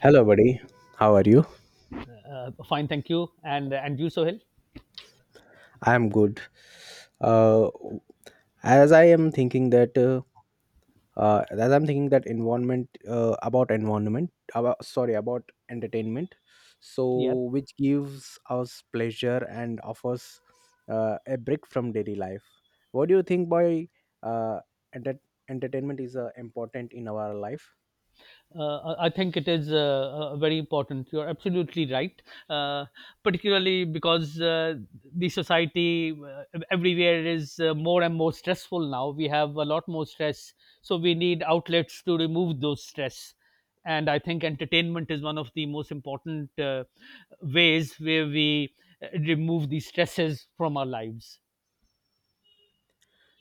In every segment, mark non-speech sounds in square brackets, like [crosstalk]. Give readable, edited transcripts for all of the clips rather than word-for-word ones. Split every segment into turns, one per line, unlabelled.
Hello, buddy. How are you?
Fine, thank you. And you, Sohil?
I'm good. Uh, as I am thinking that, as I'm thinking that environment about environment, about sorry about entertainment,
Yeah.
so which gives us pleasure and offers a break from daily life. What do you think by uh, enter- entertainment is important in our life?
I think it is very important. You're absolutely right, uh, particularly because the society everywhere is more and more stressful now. We have a lot more stress, so we need outlets to remove those stress. And I think entertainment is one of the most important ways where we remove the stresses from our lives.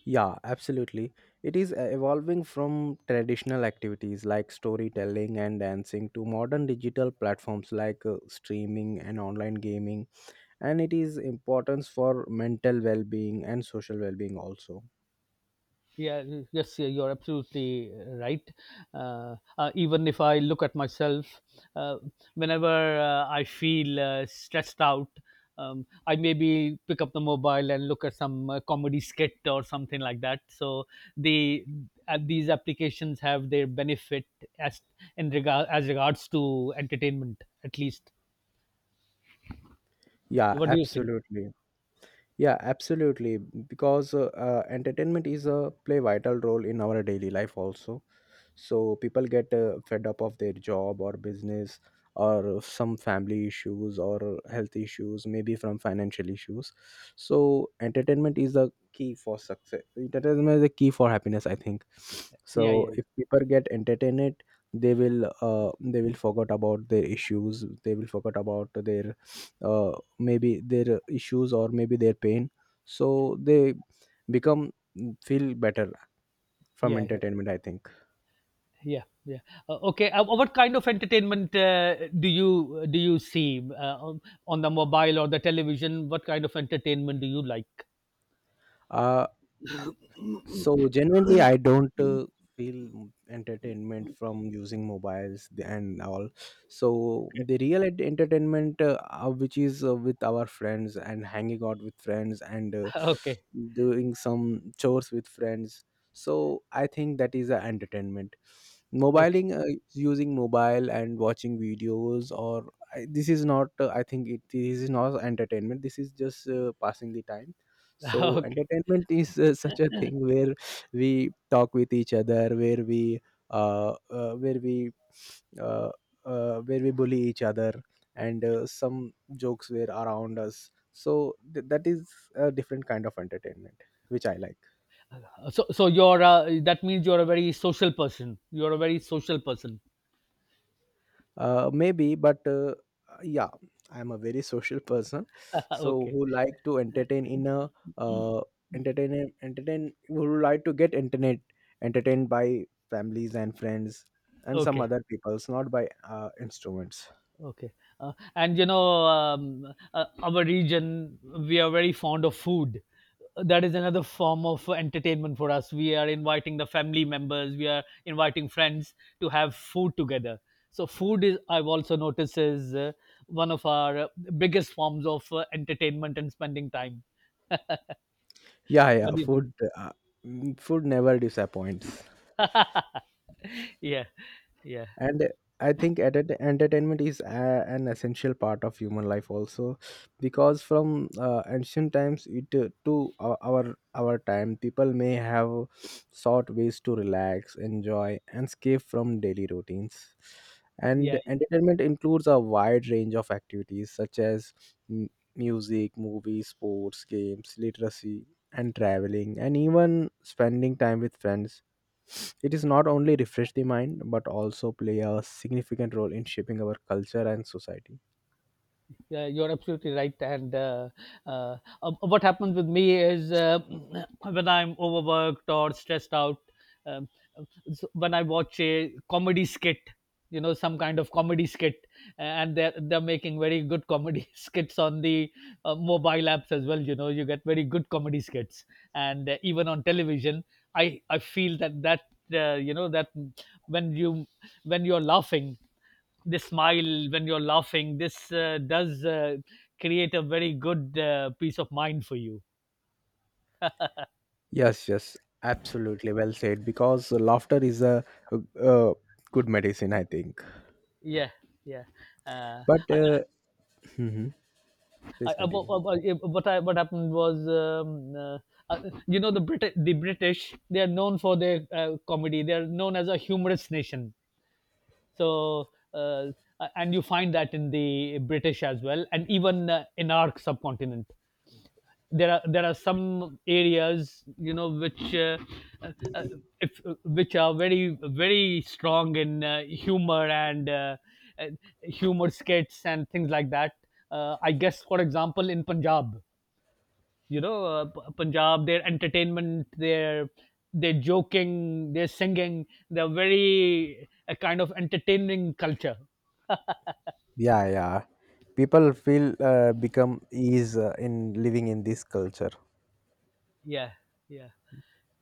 Yeah, absolutely. It is evolving from traditional activities like storytelling and dancing to modern digital platforms like streaming and online gaming, and it is importance for mental well-being and social well-being also.
Yeah, yes, yeah, you're absolutely right. Even if I look at myself, uh, whenever I feel stressed out, I maybe pick up the mobile and look at some comedy skit or something like that. So the these applications have their benefit as in regard as regards to entertainment, at least.
Yeah,
What do you think?
absolutely. Yeah, absolutely. Because entertainment is a play vital role in our daily life also. So people get fed up of their job or business, or some family issues or health issues, maybe from financial issues. So entertainment is the key for success, entertainment is the key for happiness, I think.
Yeah, yeah,
So
yeah.
if people get entertained, they will forget about their issues, they will forget about their uh, maybe their issues or maybe their pain, so they become feel better from
Yeah.
entertainment, I think.
Yeah, yeah. Okay. What kind of entertainment do you see on the mobile or the television? What kind of entertainment do you like?
uh, So genuinely, I don't feel entertainment from using mobiles and all. So the real entertainment, which is with our friends and hanging out with friends and
Okay, okay,
doing some chores with friends. So I think that is a entertainment.
okay.
Mobiling, using mobile and watching videos, this is not. I think this is not entertainment. This is just passing the time.
[laughs]
So
Okay.
entertainment is such a thing where we talk with each other, where we where we uh, where we bully each other, and some jokes were around us. So that is a different kind of entertainment which I like.
So, so you're that means you're a very social person. You're a very social person.
Maybe, but yeah, I'm a very social person, so
[laughs] Okay,
who like to entertain in a uh, entertain entertain who like to get internet entertained by families and friends and some
okay.
other peoples, not by instruments.
Okay. And you know, our region, we are very fond of food. That is another form of entertainment for us. We are inviting the family members, we are inviting friends to have food together. So, food is, I've also noticed, is one of our biggest forms of entertainment and spending time. [laughs] What
Yeah, yeah,
do you think?
food mm, food never disappoints.
[laughs] Yeah, yeah,
And I think entertainment is an essential part of human life also, because from ancient times it to our time, people may have sought ways to relax, enjoy, and escape from daily routines. And
yeah.
entertainment includes a wide range of activities such as m- music, movies, sports, games, literacy, and traveling, and even spending time with friends. It is not only refresh the mind but also play a significant role in shaping our culture and society.
Yeah, you're absolutely right. And uh, what happens with me is [clears throat] when I'm overworked or stressed out, um, so when I watch a comedy skit, you know, some kind of comedy skit, and they're making very good comedy [laughs] skits on the mobile apps as well. You know, you get very good comedy skits. And even on television, I feel that, you know, that when you when you're laughing. This smile when you're laughing. This does create a very good peace of mind for you.
Yes, yes, absolutely well said. Because laughter is a good medicine, I think.
Yeah, yeah. Uh,
But
I,
mhm, please
I,
continue.
what I, What happened was, you know, the British they are known for their comedy. They are known as a humorous nation. So. Uh, and you find that in the British as well, and even in our subcontinent. There are some areas you know which uh, uh, if, which are very very strong in humor and uh, humor skits and things like that. I guess, for example, in Punjab, you know, Punjab, their entertainment, their joking, their singing, they're very a kind of entertaining culture.
Yeah, yeah, people feel become ease in living in this culture.
Yeah, yeah,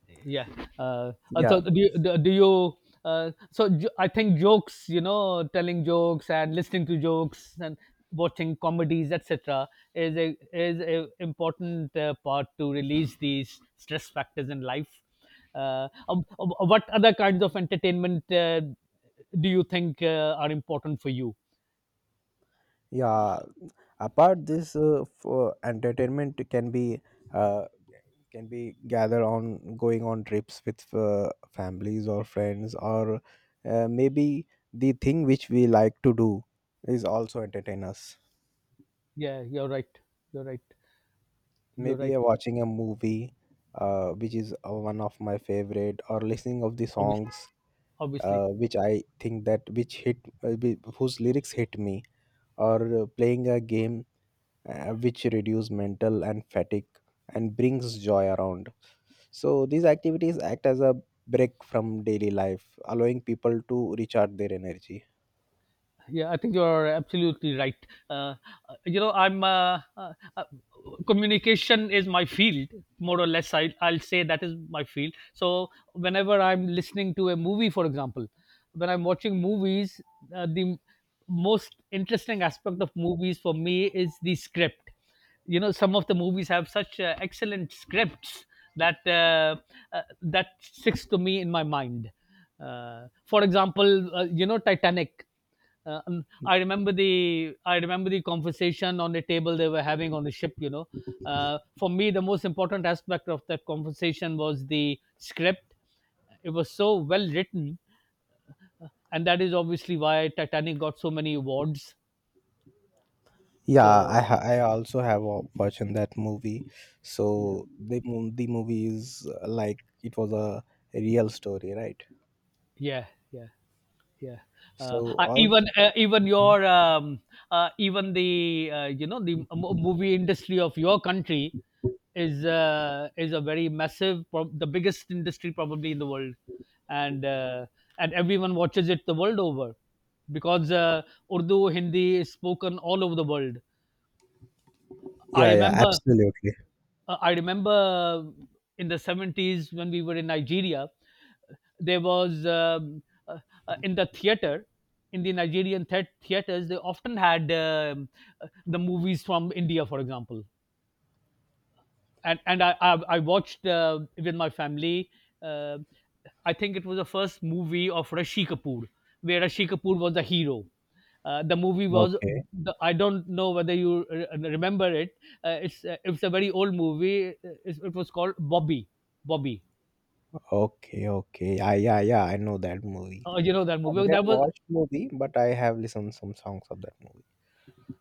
yeah.
Yeah,
So do you, do do you I think jokes, you know, telling jokes and listening to jokes and watching comedies etc. is a important part to release these stress factors in life. What other kinds of entertainment do you think are important for you?
yeah, apart this for entertainment can be uh, gather on going on trips with families or friends, or maybe the thing which we like to do is also entertain us.
Yeah, you're right. You're right. You're
Maybe
right.
watching a movie, which is one of my favorite, or listening of the songs
Obviously. Obviously.
which I think that which hit whi- whose lyrics hit me, or playing a game, which reduce mental and fatigue and brings joy around. So these activities act as a break from daily life, allowing people to recharge their energy.
Yeah, I think you're absolutely right. Uh, you know, I'm communication is my field, more or less. I'll say that is my field. So whenever I'm listening to a movie, for example, when I'm watching movies, the most interesting aspect of movies for me is the script. You know, some of the movies have such excellent scripts that that sticks to me in my mind. For example, you know, Titanic. I remember the conversation on the table they were having on the ship. You know, for me the most important aspect of that conversation was the script. It was so well written, and that is obviously why Titanic got so many awards.
Yeah,
So
I I also have watching that movie.
yeah,
So the the movie is like it was a real story, right?
yeah, yeah. Yeah.
So all.
Even your even the you know, the movie industry of your country is a very massive, the biggest industry probably in the world, and and everyone watches it the world over because Urdu Hindi is spoken all over the world. I
Yeah, yeah,
remember
absolutely.
I remember in the 70s when we were in Nigeria, there was uh, in the theater, in the Nigerian theaters, they often had the movies from India, for example. And I watched with my family. Uh, I think it was the first movie of Rishi Kapoor, where Rishi Kapoor was the hero. The movie was
Okay,
the, I don't know whether you remember it. It's a very old movie. It was called Bobby. Bobby.
okay, okay, yeah, yeah, yeah, I know that movie.
You know that
I
movie.
didn't
That was
watch movie, but I have listened some songs of that movie.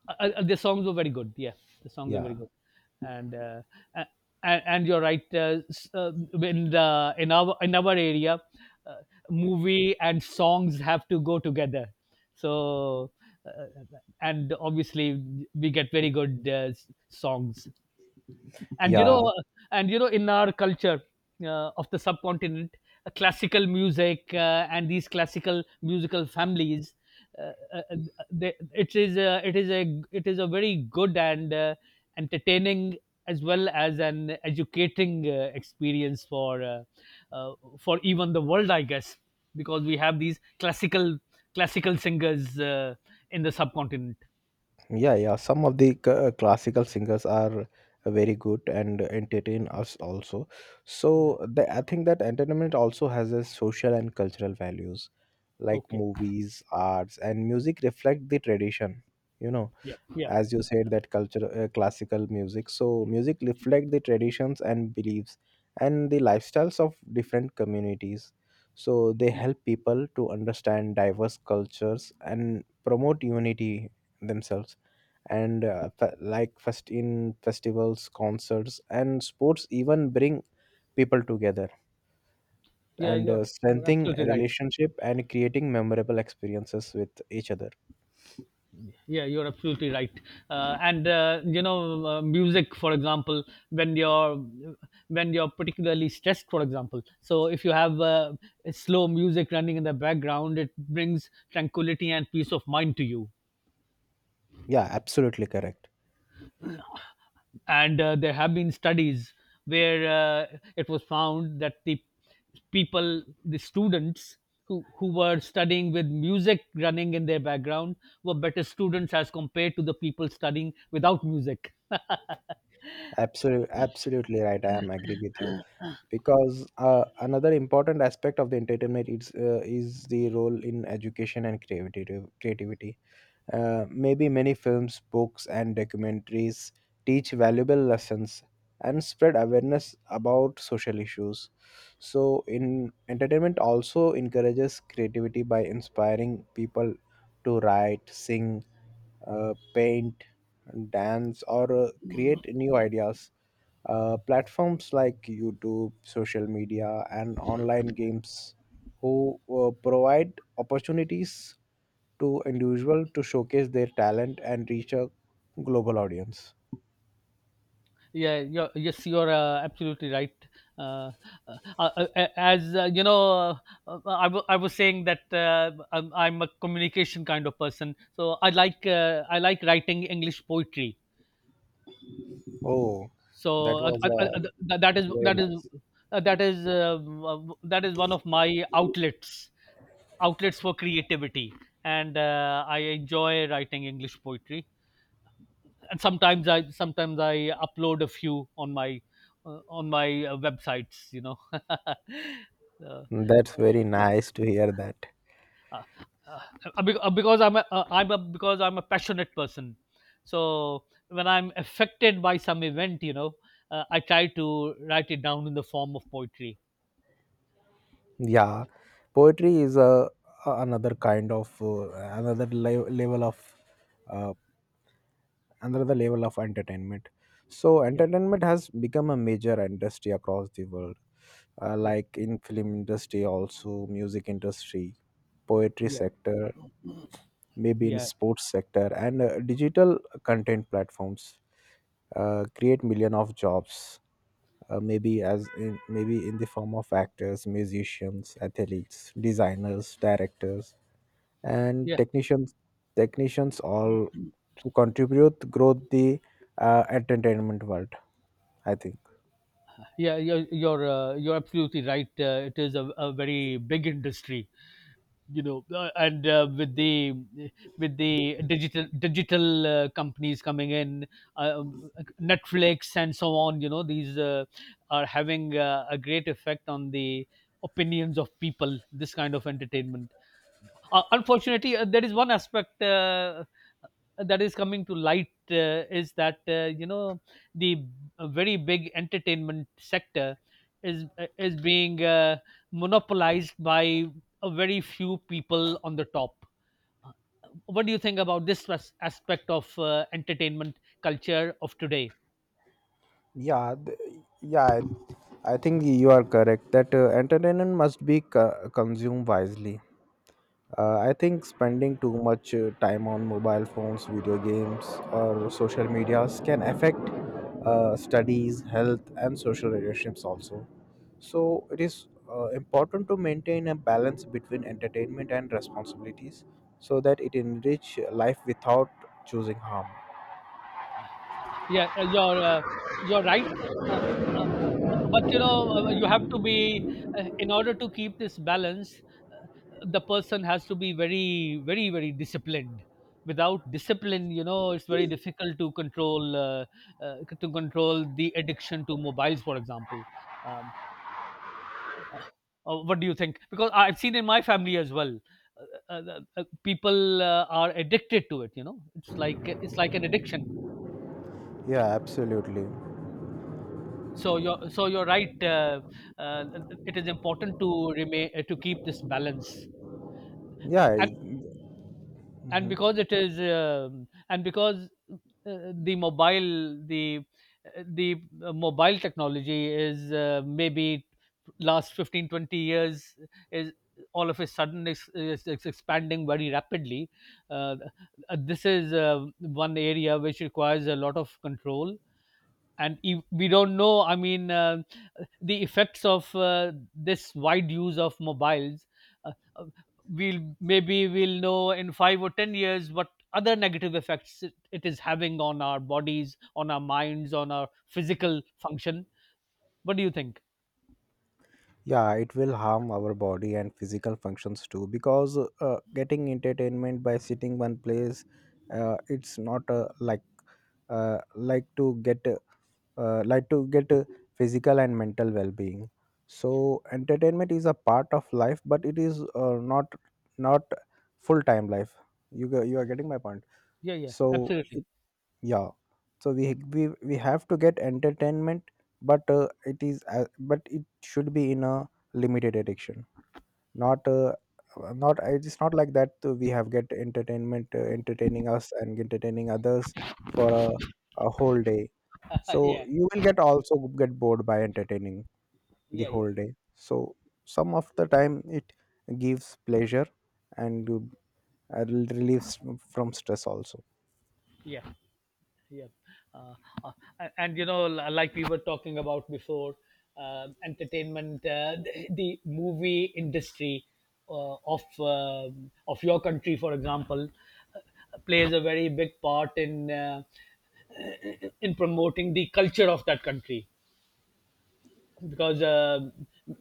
The songs were very good. Yeah, the songs were very
Yeah,
good, and uh, a- and you're right. In the in our area, uh, movie and songs have to go together. So uh, and obviously we get very good songs. and you
yeah.
know, and you know, in our culture of the subcontinent, classical music and these classical musical families, it is a, it is a it is a very good and entertaining as well as an educating experience uh, for even the world, I guess, because we have these classical singers in the subcontinent.
Yeah, yeah. Some of the classical singers are very good and entertain
Yeah.
us also.
Yeah.
So the, I think that entertainment also has a social and cultural values, like
Okay.
movies, arts, and music reflect the tradition. You know,
Yeah. Yeah.
as you said, that culture classical music, so music reflect the traditions and beliefs and the lifestyles of different communities. So they help people to understand diverse cultures and promote unity themselves. And festivals, concerts, and sports even bring people together,
Yeah.
and
You're
strengthening
absolutely right.
relationship and creating memorable experiences with each other.
Yeah, you're absolutely right. And you know, music, for example, when you're when you're particularly stressed, for example. So if you have slow music running in the background, it brings tranquility and peace of mind to you.
Yeah, absolutely correct.
And there have been studies where it was found that the people, the students who were studying with music running in their background were better students as compared to the people studying without music.
Absolutely, absolutely right. I am agree with you because another important aspect of the entertainment is the role in education and creativity. Creativity. Maybe many films, books, and documentaries teach valuable lessons and spread awareness about social issues. So, in entertainment, also encourages creativity by inspiring people to write, sing, paint, dance, or create new ideas. Platforms like YouTube, social media, and online games who provide opportunities to individuals to showcase their talent and reach a global audience.
Yes, you're absolutely right. uh, as You know, I was saying that I'm a communication kind of person, so I like writing English poetry.
Oh,
so
that
uh,
was
uh, uh, th- that is
very
that is
nice.
that is w- that is one of my outlets for creativity, and I enjoy writing English poetry. And sometimes I upload a few on my websites. You know, [laughs] uh,
That's very nice to hear that.
because I'm a passionate person. So when I'm affected by some event, you know, I try to write it down in the form of poetry.
Yeah, poetry is another kind of level of uh, another level of entertainment. So
Yeah,
entertainment has become a major industry across the world,
yeah,
like in film industry, also music industry, poetry
yeah,
sector, maybe in
yeah.
sports sector, and digital content platforms create million of jobs, maybe in the form of actors, musicians, athletes, designers, directors, and
Yeah,
technicians all to contribute growth the entertainment world, I think.
yeah, you're absolutely right. It is a very big industry, you know, and with the digital companies coming in, uh, Netflix and so on. You know, these are having a great effect on the opinions of people, this kind of entertainment. Unfortunately, there is one aspect that is coming to light, is that you know, the very big entertainment sector is being monopolized by a very few people on the top. Uh, What do you think about this aspect of entertainment culture of today?
yeah th- yeah, I think you are correct that entertainment must be consumed wisely. I think spending too much time on mobile phones, video games, or social medias can affect studies, health, and social relationships also. So it is important to maintain a balance between entertainment and responsibilities, so that it enrich life without choosing harm.
Yeah, you're right. Uh, uh, but you know, you have to be in order to keep this balance. The person has to be very, very, very disciplined. Without discipline, you know, it's very difficult to control the addiction to mobiles, for example. Um, uh, what do you think? Because I've seen in my family as well. People are addicted to it, you know, it's like an addiction.
Yeah, absolutely.
So you're right. Uh, it is important to remain to keep this balance.
Yeah,
and
I.
and
Mhm.
because it is and because the mobile technology is maybe last 15 20 years is all of a sudden is expanding very rapidly. uh, this is one area which requires a lot of control. And if we don't know, the effects of this wide use of mobiles, uh, uh, we'll, maybe we'll know in 5 or 10 years what other negative effects it is having on our bodies, on our minds, on our physical function. What do you think?
Yeah, it will harm our body and physical functions too, because getting entertainment by sitting one place, it's not uh, like to get like to get physical and mental well-being. So entertainment is a part of life, but it is not not full-time life. You are getting my point.
Yeah, yeah,
So
absolutely.
it, yeah, so we have to get entertainment, but it is but it should be in a limited addiction, not not. It's not like that we have get entertainment, entertaining us and entertaining others for a whole day.
[laughs]
So
Yeah,
you will get also get bored by entertaining the
yeah, yeah,
whole day. So some of the time it gives pleasure and relieves from stress also.
yeah, yeah. uh, and you know, like we were talking about before, entertainment, the movie industry of your country, for example, plays a very big part in promoting the culture of that country. Because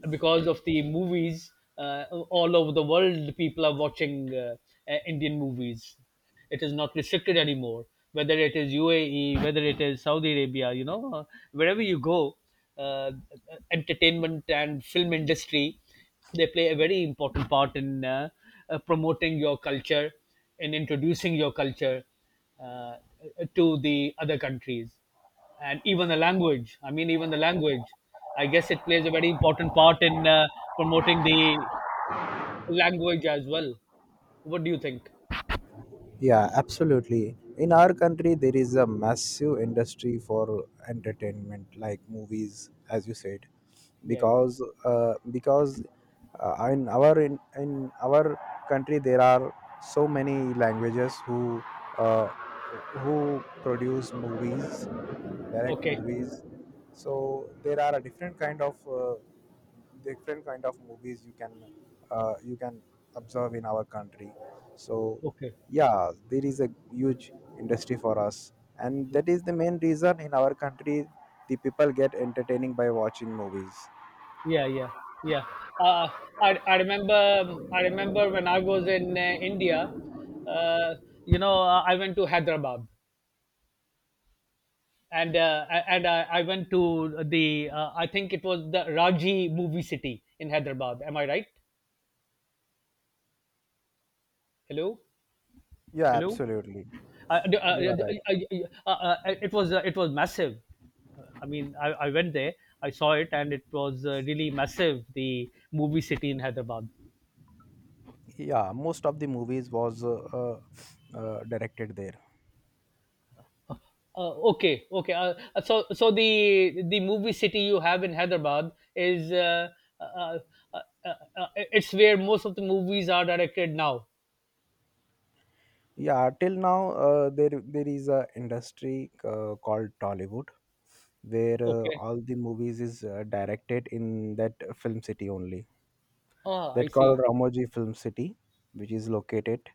because of the movies, all over the world people are watching Indian movies. It is not restricted anymore. Whether it is UAE, whether it is Saudi Arabia, you know, wherever you go, uh, entertainment and film industry, they play a very important part in promoting your culture and introducing your culture uh, to the other countries. And even the language, I mean, even the language, I guess it plays a very important part in promoting the language as well. What do you think?
Yeah, absolutely, in our country there is a massive industry for entertainment, like movies, as you said.
Yeah, yeah.
Because in our country there are so many languages uh, who produce movies, direct
Okay,
movies. So there are a different kind of movies you can observe in our country. So
okay.
yeah, there is a huge industry for us, and that is the main reason in our country the people get entertaining by watching movies.
Yeah, yeah, yeah. uh, I remember when I was in India. uh, you know, I went to Hyderabad. And I went to the I think it was the Raji Movie City in Hyderabad, am I right? Hello?
Yeah,
Hello?
absolutely.
I, I,
You
I,
are right.
It was it was massive. I mean, I went there, I saw it, and it was really massive. The movie city in Hyderabad.
Yeah, most of the movies was directed there.
Okay, okay. So the movie city you have in Hyderabad is uh, uh, uh, it's where most of the movies are directed now.
Yeah, till now there there is a industry called Tollywood, where
Okay.
all the movies is directed in that film city only.
Ah, I
That
see.
called Ramoji Film City, which is located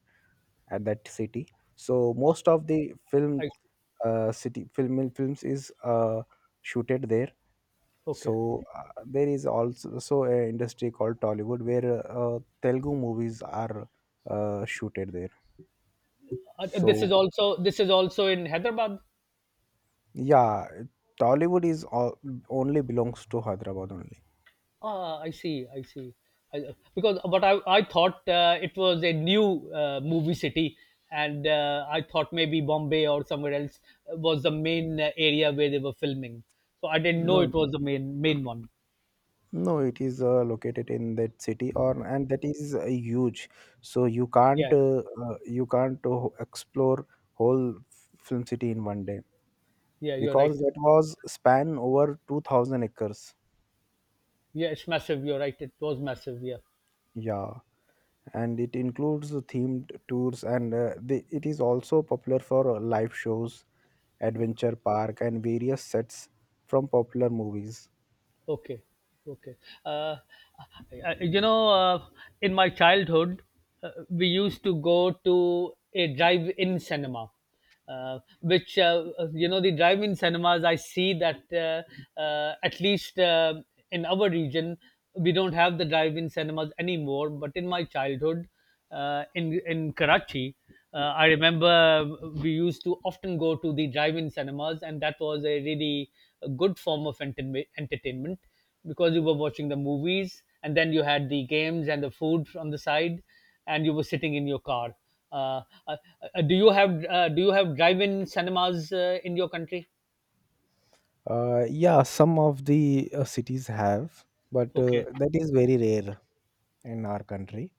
at that city. So most of the
I
film
see.
city film films is shooted there. So
Okay.
there is also an industry called Tollywood, where Telugu movies are shooted there.
This is
So
also this is also in Hyderabad.
yeah, Tollywood is all, only belongs to Hyderabad only.
Ah, I see. I see. Because but I thought it was a new movie city, and I thought maybe Bombay or somewhere else was the main area where they were filming. So I didn't know
No,
it was the main main one.
no, it is located in that city, or and that is huge. So
Yeah,
you can't explore whole film city in one day,
yeah, you're right.
because that was span over 2000 acres.
Yeah, it's massive. You're right. It was massive. Yeah.
Yeah, and it includes themed tours, and it is also popular for live shows, adventure park, and various sets from popular movies.
Okay, okay. Uh, you know, in my childhood, we used to go to a drive-in cinema, which you know, the drive-in cinemas. I see that at least in our region, we don't have the drive-in cinemas anymore. But in my childhood, in Karachi. I remember we used to often go to the drive-in cinemas, and that was a really good form of entertainment, because you were watching the movies, and then you had the games and the food on the side, and you were sitting in your car. Uh, uh, do you have do you have drive-in cinemas in your country?
Yeah, some of the cities have, but
Okay,
that is very rare in our country.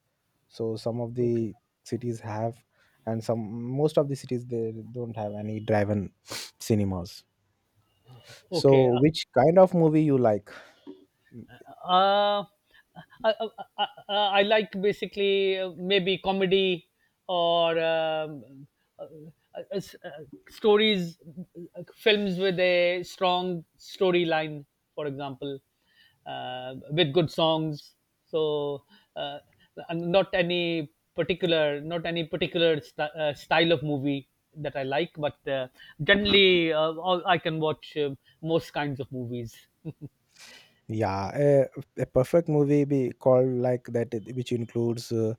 So some of
okay,
the cities have, and some most of the cities they don't have any drive-in cinemas.
okay.
So which kind of movie you like?
uh, I, I, I like basically maybe comedy or uh, uh, uh, s- uh, stories, films with a strong storyline, for example, with good songs. So uh, and not any particular, not any particular style of movie that I like, but generally all, I can watch most kinds of movies.
Yeah, a perfect movie be called like that, which includes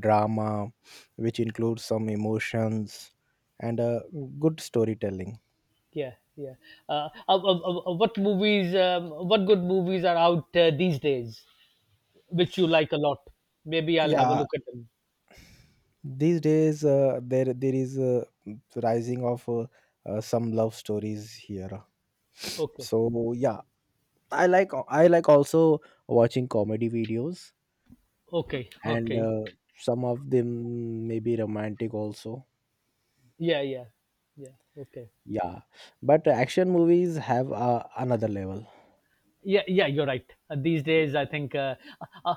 drama, which includes some emotions, and good storytelling.
Yeah, yeah. What movies? What good movies are out these days, which you like a lot? Maybe I'll have a
Yeah,
look at them.
these days there is a rising of some love stories here. [sniffs]
Okay,
So yeah, I like also watching comedy videos,
okay,
and
okay.
some of them may be romantic also.
Yeah, yeah, yeah. Okay.
Yeah, but action movies have another level.
Yeah, yeah, you're right. These days I think uh, uh,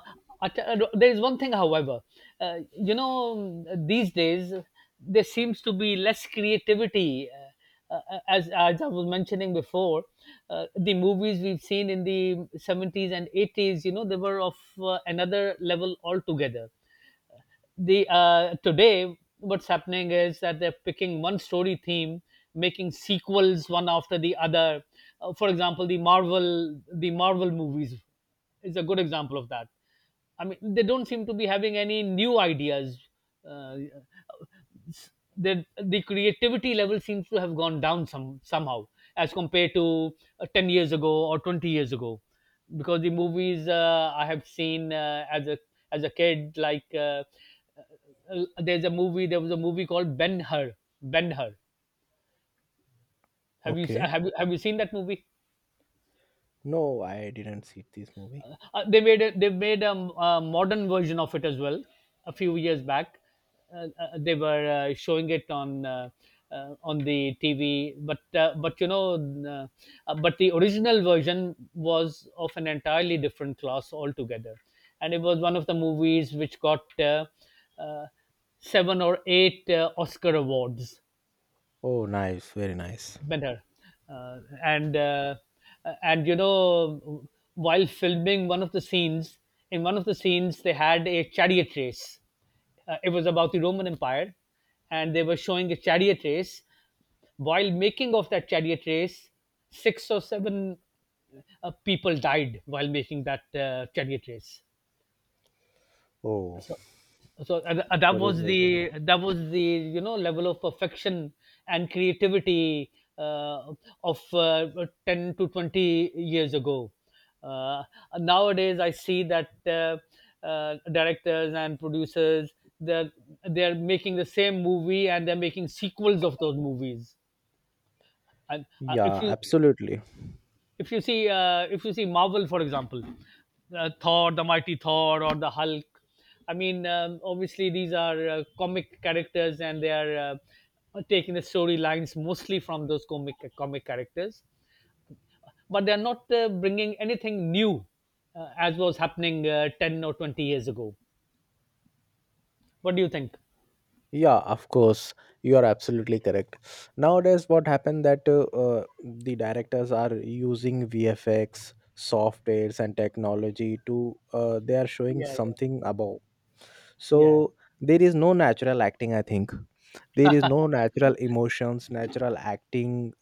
no, there is one thing, however. You know, these days there seems to be less creativity, as I was mentioning before, the movies we've seen in the 70s and 80s, you know they were of another level altogether. The Today what's happening is that they're picking one story theme, making sequels one after the other. For example, the Marvel movies is a good example of that. I mean, they don't seem to be having any new ideas. uh, the creativity level seems to have gone down somehow as compared to 10 years ago or 20 years ago. Because the movies I have seen as a kid, like, there was a movie called Ben Hur. Ben Hur.
Okay.
Have you seen that movie?
No, I didn't see this movie.
They made a, they made a modern version of it as well, a few years back. They were showing it on the TV, but you know, uh, but the original version was of an entirely different class altogether, and it was one of the movies which got uh, seven or eight Oscar awards.
Oh, nice. Very nice.
Better. uh, and and you know, while filming one of the scenes, in one of the scenes, they had a chariot race. It was about the Roman Empire, and they were showing a chariot race. While making of that chariot race, six or seven people died while making that chariot race.
Oh,
So so that
there is
was
this.
the, that was the, you know, level of perfection and creativity uh, of 10 to 20 years ago. uh, Nowadays I see that directors and producers, they're they're making the same movie, and they're making sequels of those movies. And if
Yeah,
you,
absolutely.
if you see Marvel, for example, Thor, the Mighty Thor, or the Hulk. I mean, obviously these are comic characters, and they are taking the storylines mostly from those comic characters. But they are not bringing anything new, as was happening 10 or 20 years ago. What do you think?
Yeah, of course, you are absolutely correct. Nowadays what happened that the directors are using VFX softwares and technology to they are showing
Yeah, yeah,
something above.
yeah.
So there is no natural acting, I think. There is no natural emotions, natural acting,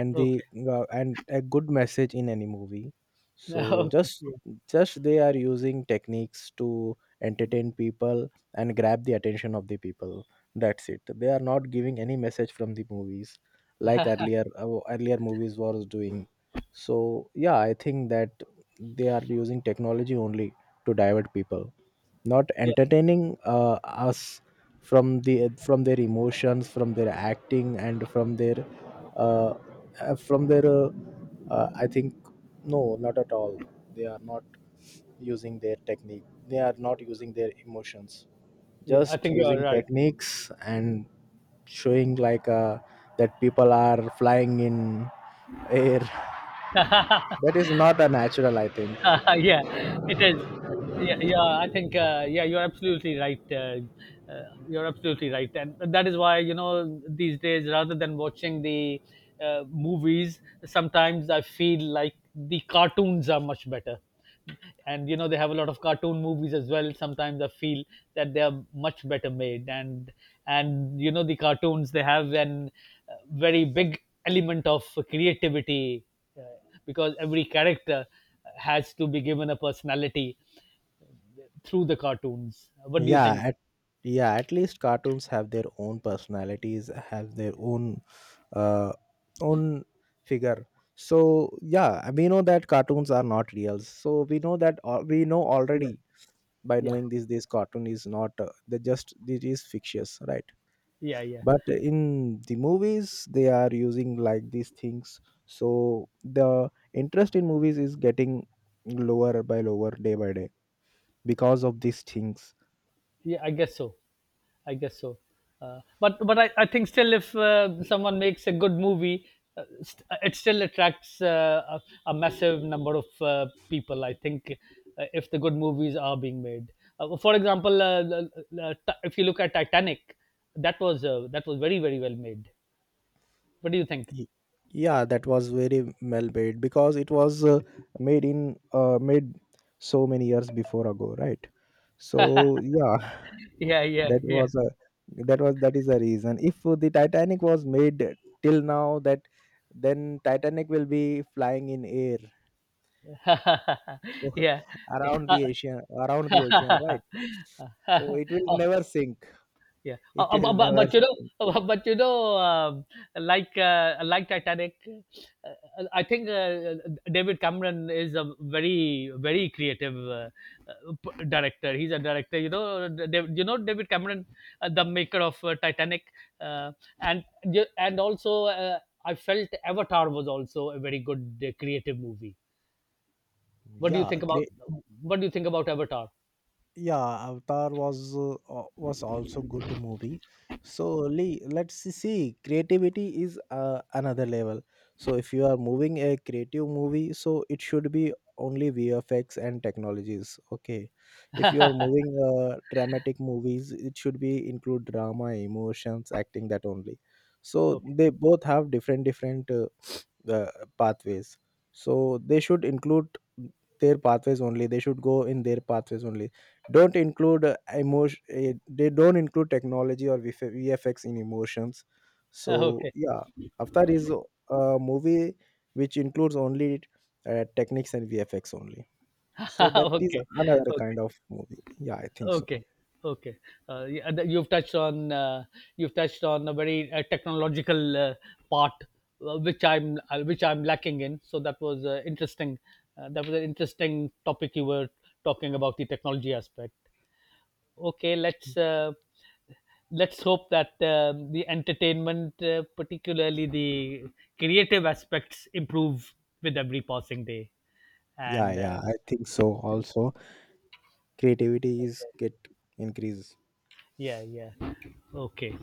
and the
Okay.
and a good message in any movie. So
[laughs] Okay. Yeah,
just they are using techniques to entertain people and grab the attention of the people. That's it, they are not giving any message from the movies, like earlier earlier movies was doing. So yeah, I think that they are using technology only to divert people, not
yeah,
entertaining uh, us from the from their emotions, from their acting, and from their uh, uh, from their uh, I think no, not at all. They are not using their technique, they are not using their emotions,
yeah. I
just
think you are
using techniques and showing like that people are flying in air.
right.
[laughs] That
[laughs]
is not a natural, I think.
[laughs] Yeah, it is. Yeah, yeah, I think, yeah, you're absolutely right. You're absolutely right, and that is why, you know, these days, rather than watching the movies, sometimes I feel like the cartoons are much better. And you know, they have a lot of cartoon movies as well. Sometimes I feel that they are much better made, and you know, the cartoons, they have an very big element of creativity, uh, because every character has to be given a personality through the cartoons. What do you
Yeah
think?
yeah, at least cartoons have their own personalities, have their own uh, own figure. So yeah, we know that cartoons are not real, so we know that we know
Yeah,
already, by
yeah,
knowing this, this cartoon is not the just it is fictitious, right?
yeah, yeah.
But in the movies they are using like these things, so the interest in movies is getting lower by lower day by day because of these things.
Yeah, I guess so. I guess so. But I think still, if someone makes a good movie, it still attracts a massive number of people. I think if the good movies are being made, for example, if you look at Titanic, that was very very well made. What do you think?
Ye- yeah, that was very well made, because it was made so many years before ago, right? So yeah,
Yeah,
[laughs]
yeah,
that
yeah.
was a that is the reason, if the Titanic was made till now, that then Titanic will be flying in air
[laughs]
[laughs]
Yeah. Yeah.
around the ocean, right?
[laughs]
So it will
Oh,
never sink.
yeah.
It will never
But you know,
sink.
[laughs] but, you know, like Titanic, uh, I think David Cameron is a very, very creative director. He's a director, you know, you know, David Cameron, the maker of Titanic, uh, and and also I felt Avatar was also a very good creative movie. What do you
Yeah,
think about what do you think about Avatar?
yeah, Avatar was also good movie. So Lee, let's see, creativity is another level. So if you are moving a creative movie, so it should be only VFX and technologies, okay. If you are moving dramatic movies, it should be include drama, emotions, acting, that only. So
Okay.
they both have different different the pathways. So they should include their pathways only, they should go in their pathways only. Don't include emotion they don't include technology or VF VFX in emotions.
[laughs]
So
Okay.
yeah, Avatar is a movie which includes only techniques and VFX only. So
[laughs]
that is
Okay,
another
okay,
kind of movie, yeah, I think so.
okay, okay. Yeah, and you've touched on a very technological part, which I'm, which I'm lacking in. So that was interesting. That was an interesting topic you were talking about, the technology aspect. Okay, let's hope that the entertainment, particularly the creative aspects, improve with every passing day.
Yeah,
And
yeah, I think so also, creativity is get increased.
yeah, yeah, okay.